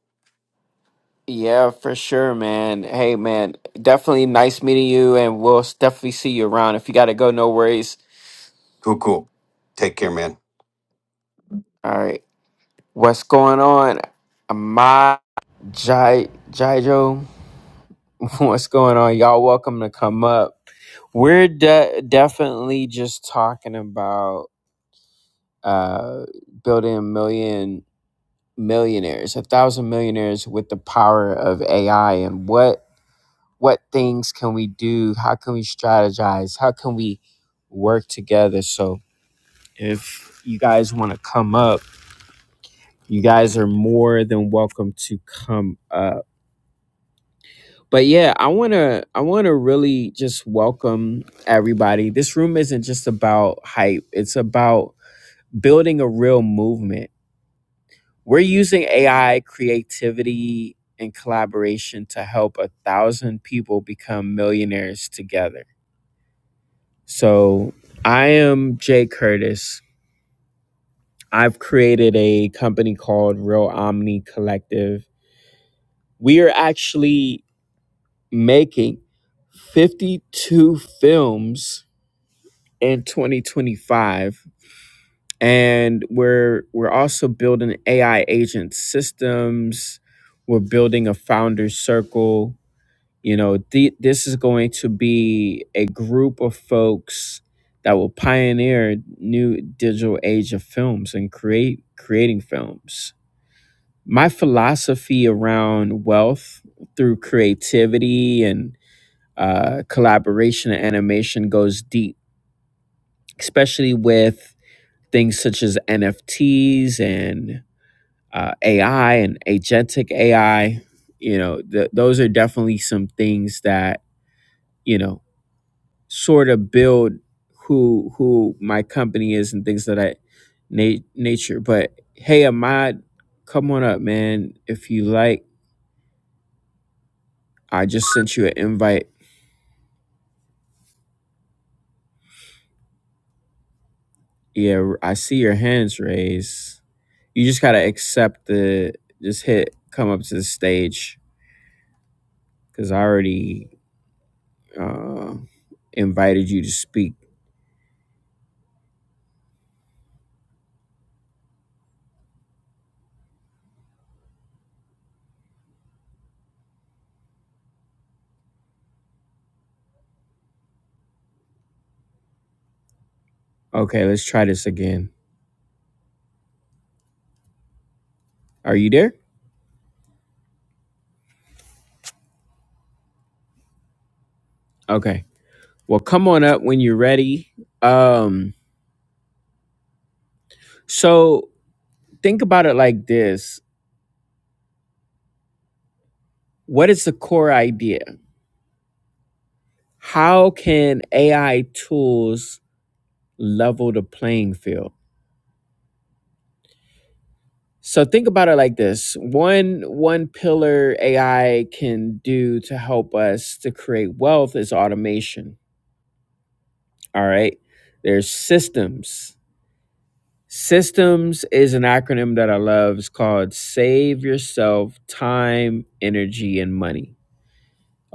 yeah, for sure, man. Hey, man, definitely nice meeting you, and we'll s- definitely see you around. If you got to go, no worries. Cool, cool. Take care, man. All right, what's going on? My Jai Jaijo, what's going on? Y'all, welcome to come up. We're de- definitely just talking about uh building a million millionaires, a thousand millionaires with the power of AI, and what what things can we do how can we strategize how can we work together so if you guys want to come up you guys are more than welcome to come up but yeah i want to i want to really just welcome everybody this room isn't just about hype it's about building a real movement we're using ai creativity and collaboration to help a thousand people become millionaires together So I am Jay Curtis. I've created a company called Real Omni Collective. We are actually making 52 films in 2025 and we're we're also building AI agent systems. We're building a founder circle You know, the, this is going to be a group of folks that will pioneer new digital age of films and create creating films. My philosophy around wealth through creativity and uh, collaboration and animation goes deep, especially with things such as NFTs and uh, AI and agentic AI. You know, th- those are definitely some things that you know sort of build who who my company is and things of that na- nature. But hey, Ahmad, come on up, man. If you like, I just sent you an invite. Yeah, I see your hands raised. You just gotta accept the just hit come up to the stage because I already uh, invited you to speak. Okay, let's try this again. Are you there? Okay. Well, come on up when you're ready. Um, so think about it like this what is the core idea how can ai tools level the playing field so think about it like this one one pillar ai can do to help us to create wealth is automation all right there's systems systems is an acronym that i love it's called save yourself time energy and money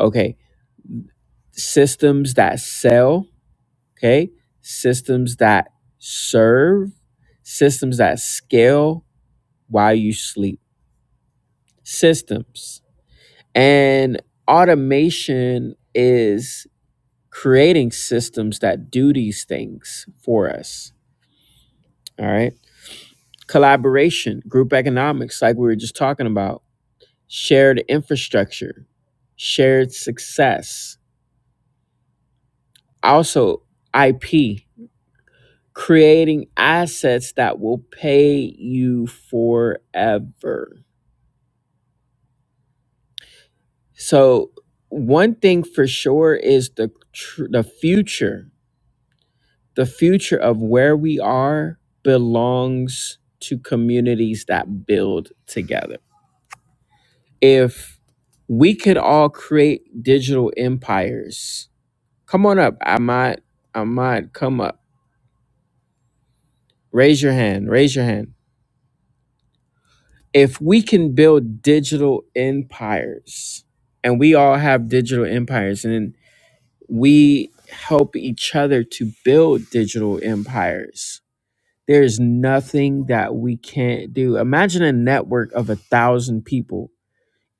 okay systems that sell okay systems that serve systems that scale while you sleep systems and automation is creating systems that do these things for us all right collaboration group economics like we were just talking about shared infrastructure shared success also ip creating assets that will pay you forever. So one thing for sure is the tr- the future, the future of where we are belongs to communities that build together. If we could all create digital empires. Come on up. I might I might come up. Raise your hand. Raise your hand if we can build digital empires and we all have digital empires and we help each other to build digital empires there's nothing that we can't do imagine a network of a thousand people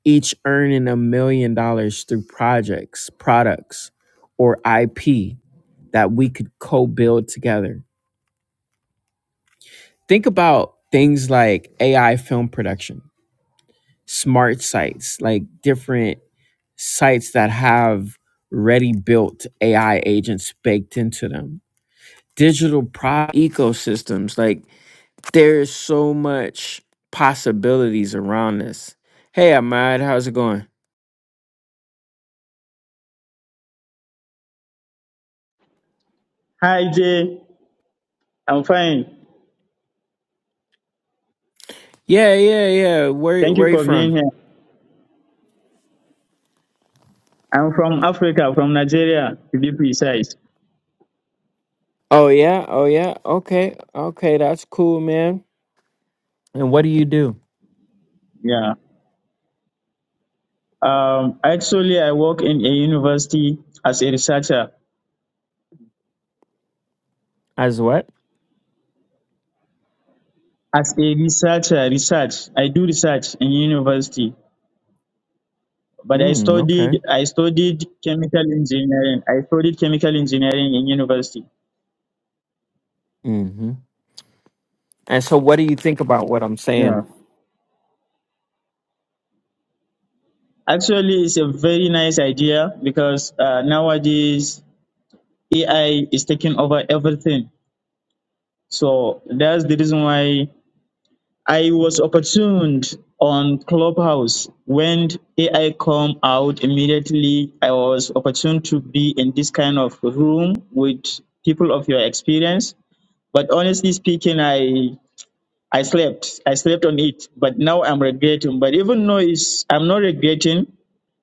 each earning a million dollars through projects products or ip that we could co-build together think about things like ai film production smart sites, like different sites that have ready built AI agents baked into them. Digital pro ecosystems, like there's so much possibilities around this. Hey, Ahmad, how's it going? Hi Jay, I'm fine. Yeah, yeah, yeah. Where Thank you where you for being from? here. I'm from Africa, from Nigeria to be precise. Oh yeah, oh yeah. Okay, okay, that's cool, man. And what do you do? Yeah. Um, actually, I work in a university as a researcher. As what? As a researcher, research. I do research in university, but I Mm, okay. studied I studied chemical engineering. I studied chemical engineering in university. Mm-hmm. And so, what do you think about what I'm saying? Yeah. Actually, it's a very nice idea because uh, nowadays AI is taking over everything So that's the reason why I was opportuned on Clubhouse when AI come out immediately. I was opportuned to be in this kind of room with people of your experience. But honestly speaking, I I slept. I slept on it. But now I'm regretting. But even though it's I'm not regretting,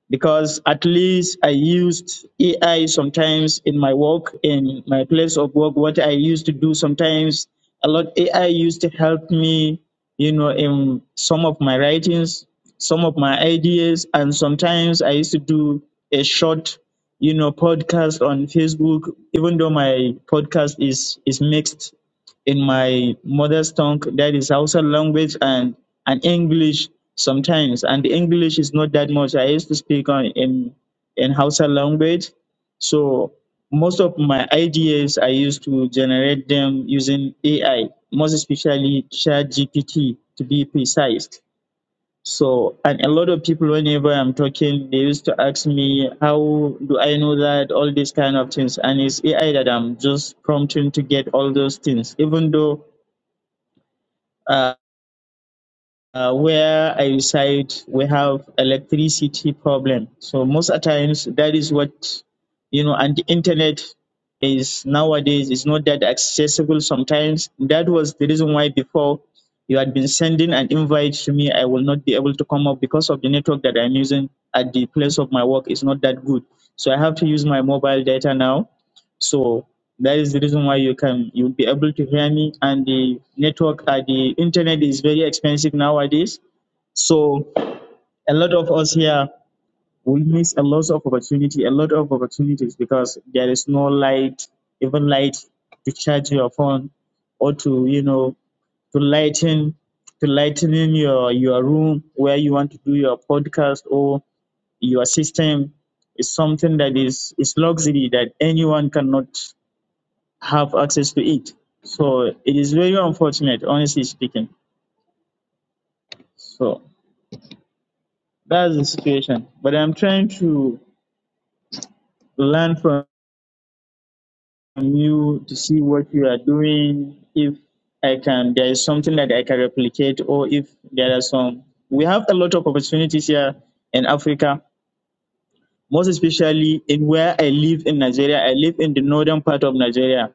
because at least I used AI sometimes in my work, in my place of work, what I used to do sometimes, a lot AI used to help me, you know, in some of my writings, some of my ideas, and sometimes I used to do a short, you know, podcast on Facebook, even though my podcast is is mixed in my mother's tongue, that is Hausa language and, and English sometimes. And the English is not that much. I used to speak on in in Hausa language. So most of my ideas I used to generate them using AI, most especially ChatGPT to be precise. So, and a lot of people, whenever I'm talking, they used to ask me, how do I know that? All these kind of things. And it's AI that I'm just prompting to get all those things, even though. Uh, uh, where I reside, we have electricity problem. So most of times, that is what you know, and the internet is nowadays is not that accessible. Sometimes that was the reason why before you had been sending an invite to me, I will not be able to come up because of the network that I'm using at the place of my work is not that good. So I have to use my mobile data now so that is the reason why you can you'll be able to hear me. And the network, uh, the internet is very expensive nowadays. So a lot of us here will miss a lot of opportunity, a lot of opportunities because there is no light, even light to charge your phone or to you know to lighten to lighten in your your room where you want to do your podcast or your system is something that is is luxury that anyone cannot have access to it. So it is very unfortunate, honestly speaking. So that's the situation. But I'm trying to learn from you to see what you are doing. If I can, there is something that I can replicate, or if there are some. We have a lot of opportunities here in Africa, most especially in where I live in Nigeria. I live in the northern part of Nigeria.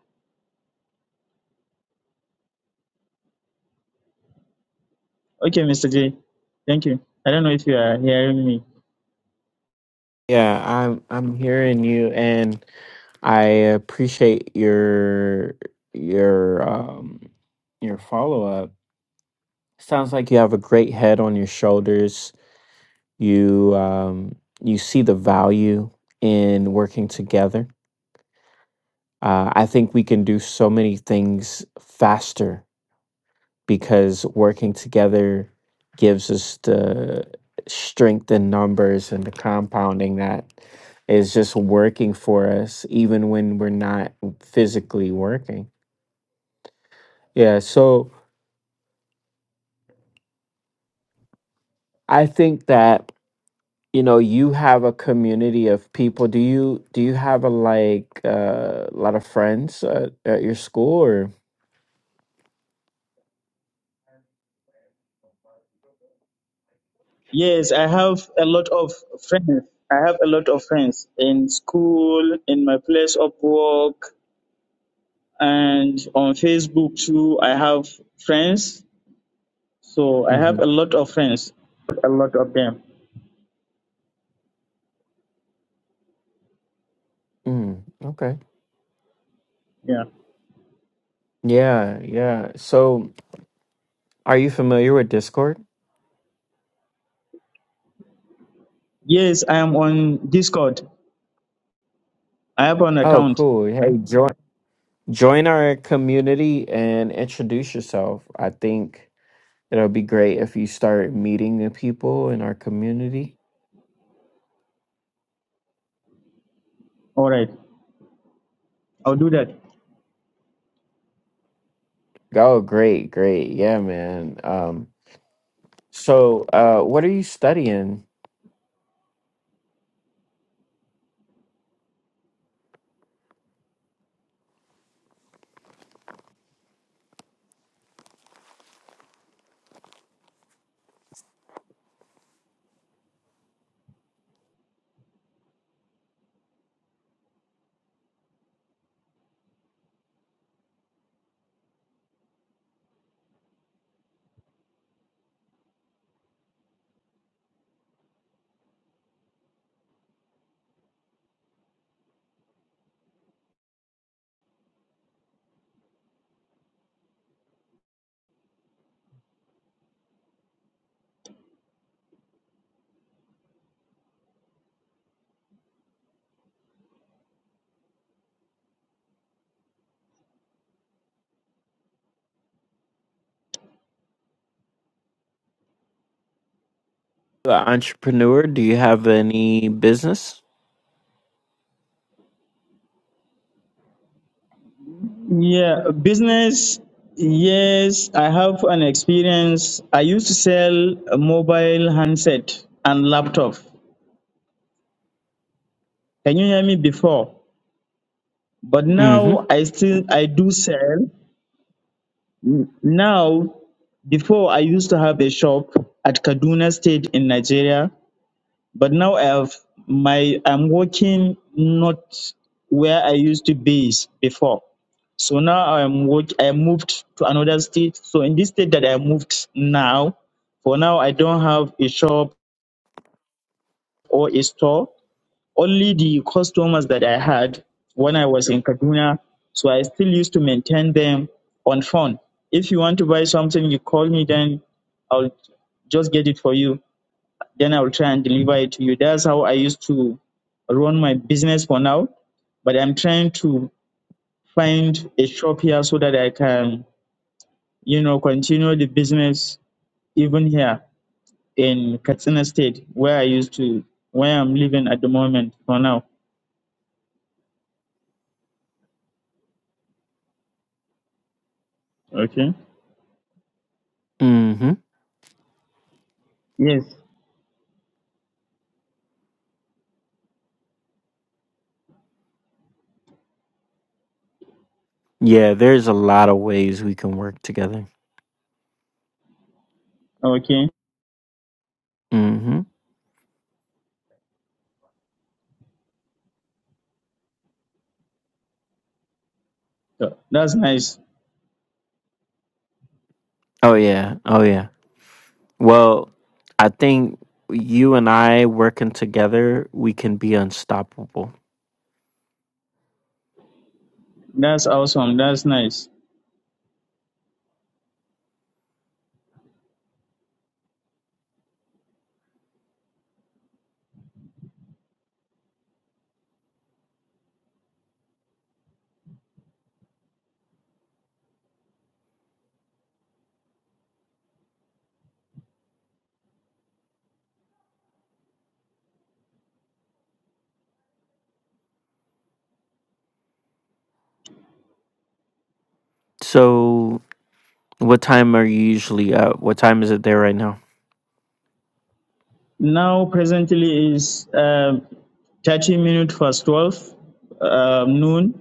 Okay, Mr. J. Thank you. I don't know if you are hearing me. Yeah, I'm I'm hearing you and I appreciate your your um your follow-up. Sounds like you have a great head on your shoulders. You um you see the value in working together. Uh, I think we can do so many things faster because working together gives us the strength in numbers and the compounding that is just working for us even when we're not physically working. Yeah, so I think that you know you have a community of people. Do you do you have a like uh, a lot of friends at, at your school or? Yes, I have a lot of friends. I have a lot of friends in school, in my place of work, and on Facebook too. I have friends. So I have hmm a lot of friends, a lot of them. mm Okay. Yeah. Yeah, yeah. So are you familiar with Discord? Yes, I am on Discord. I have an Oh, account. cool. Hey, join. join our community and introduce yourself. I think it'll be great if you start meeting the people in our community. All right, I'll do that. Oh, great, great. Yeah, man. Um, so, uh, what are you studying? The entrepreneur? Do you have any business? Yeah, business. Yes, I have an experience. I used to sell a mobile handset and laptop. Can you hear me before? but Mm now i hmm. still i do sell N- now before i used to have a shop at kaduna state in nigeria but now i have my i'm working not where i used to be before so now i'm work i moved to another state so in this state that i moved now for now i don't have a shop or a store only the customers that I had when I was in Kaduna. So I still used to maintain them on phone. If you want to buy something, you call me, then I'll just get it for you. Then I'll try and deliver it to you. That's how I used to run my business for now. But I'm trying to find a shop here so that I can, you know, continue the business even here in Katsina State, where I used to, where I'm living at the moment for now. Okay. Mm hmm. Yes. Yeah, there's a lot of ways we can work together. Okay, Mm hmm. so that's nice. Oh, yeah. Oh, yeah. Well, I think you and I working together, we can be unstoppable. That's awesome. That's nice. So, what time are you usually up? What time is it there right now? Now, presently is um 30 minutes past 12 um, noon,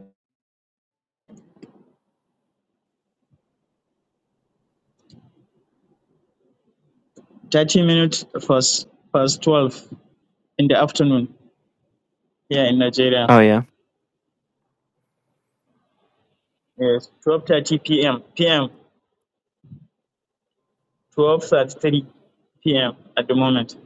30 minutes past, past 12 in the afternoon here in Nigeria. Oh, yeah. Yes, 12.30 p.m. p.m. 12.33 p.m. at the moment.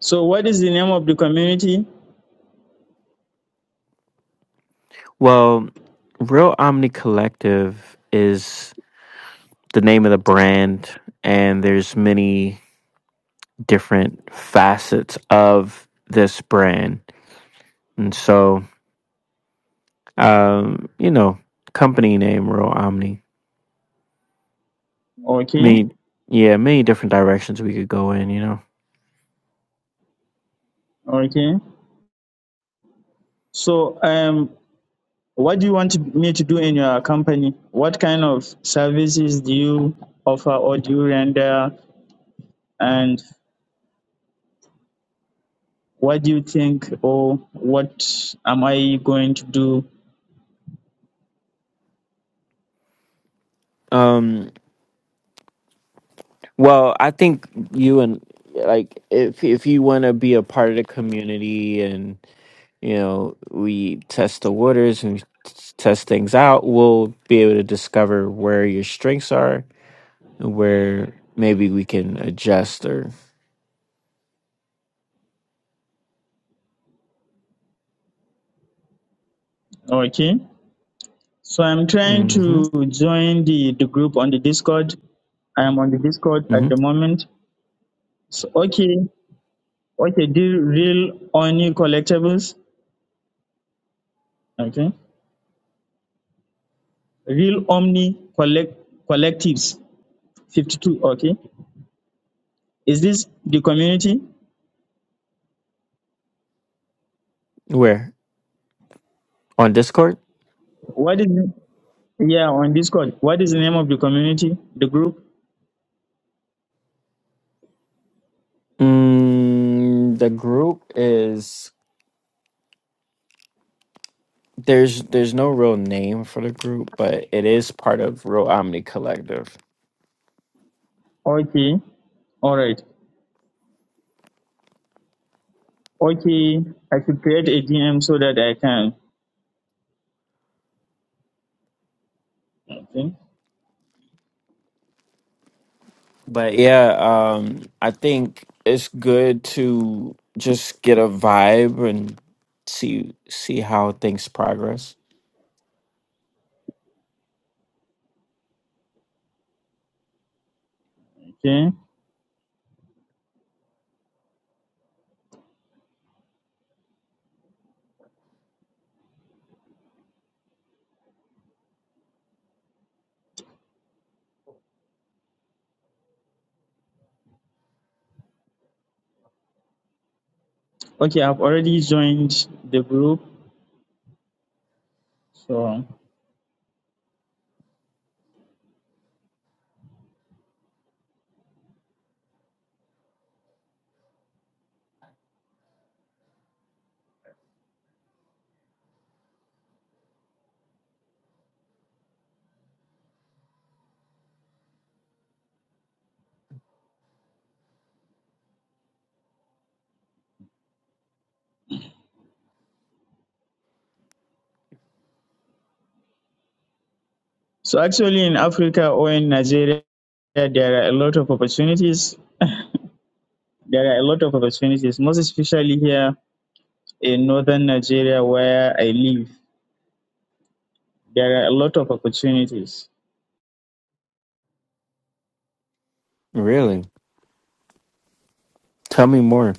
So what is the name of the community? Well, Real Omni Collective is the name of the brand, and there's many different facets of this brand. And so, um, you know, company name Real Omni. Okay, Many, yeah, many different directions we could go in, you know. okay. So um, What do you want me to do in your company? What kind of services do you offer or do you render? And what do you think or what am I going to do? Um, Well, I think you and like if if you want to be a part of the community and you know we test the waters and t- test things out, we'll be able to discover where your strengths are and where maybe we can adjust or Okay. So I'm trying hmm to join the, the group on the Discord. I am on the Discord at hmm the moment. So, okay, okay, do real Omni collectibles. Okay, real Omni collect collectives. Fifty-two. Okay, is this the community? Where on Discord? What is it? Yeah, on Discord. What is the name of the community, the group? Mm, the group is there's there's no real name for the group, but it is part of Real Omni Collective. Okay. All right. Okay, I should create a DM so that I can. Okay. But yeah, um, I think it's good to just get a vibe and see see how things progress. Okay. Okay, I've already joined the group. So, so actually in Africa or in Nigeria, there are a lot of opportunities. There are a lot of opportunities, most especially here in northern Nigeria where I live. There are a lot of opportunities. Really, tell me more.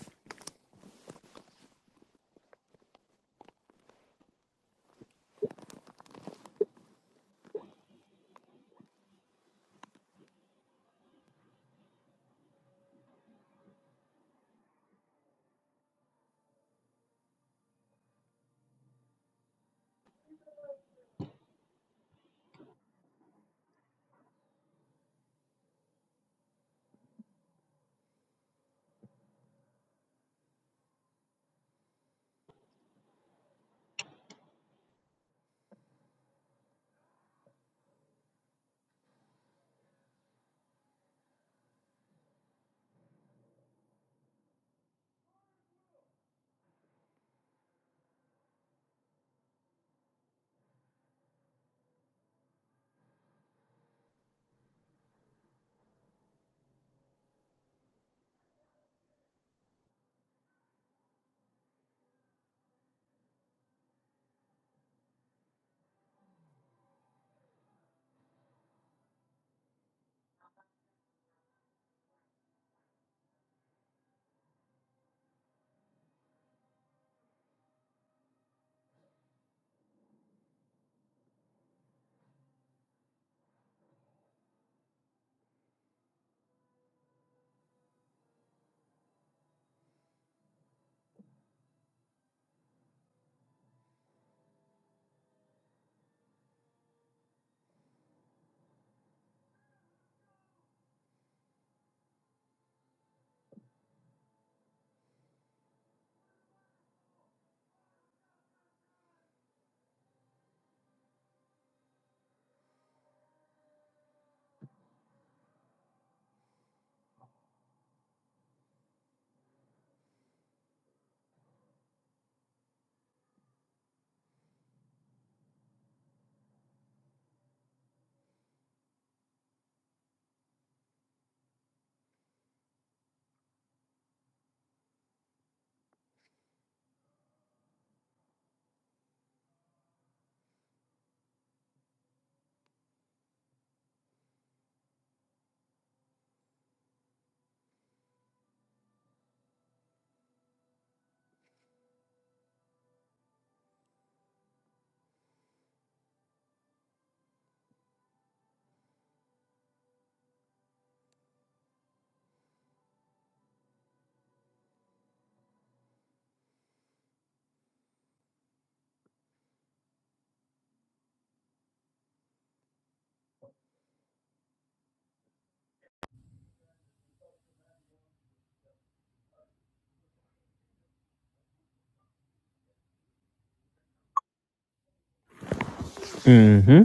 Mm-hmm.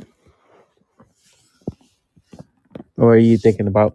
What are you thinking about?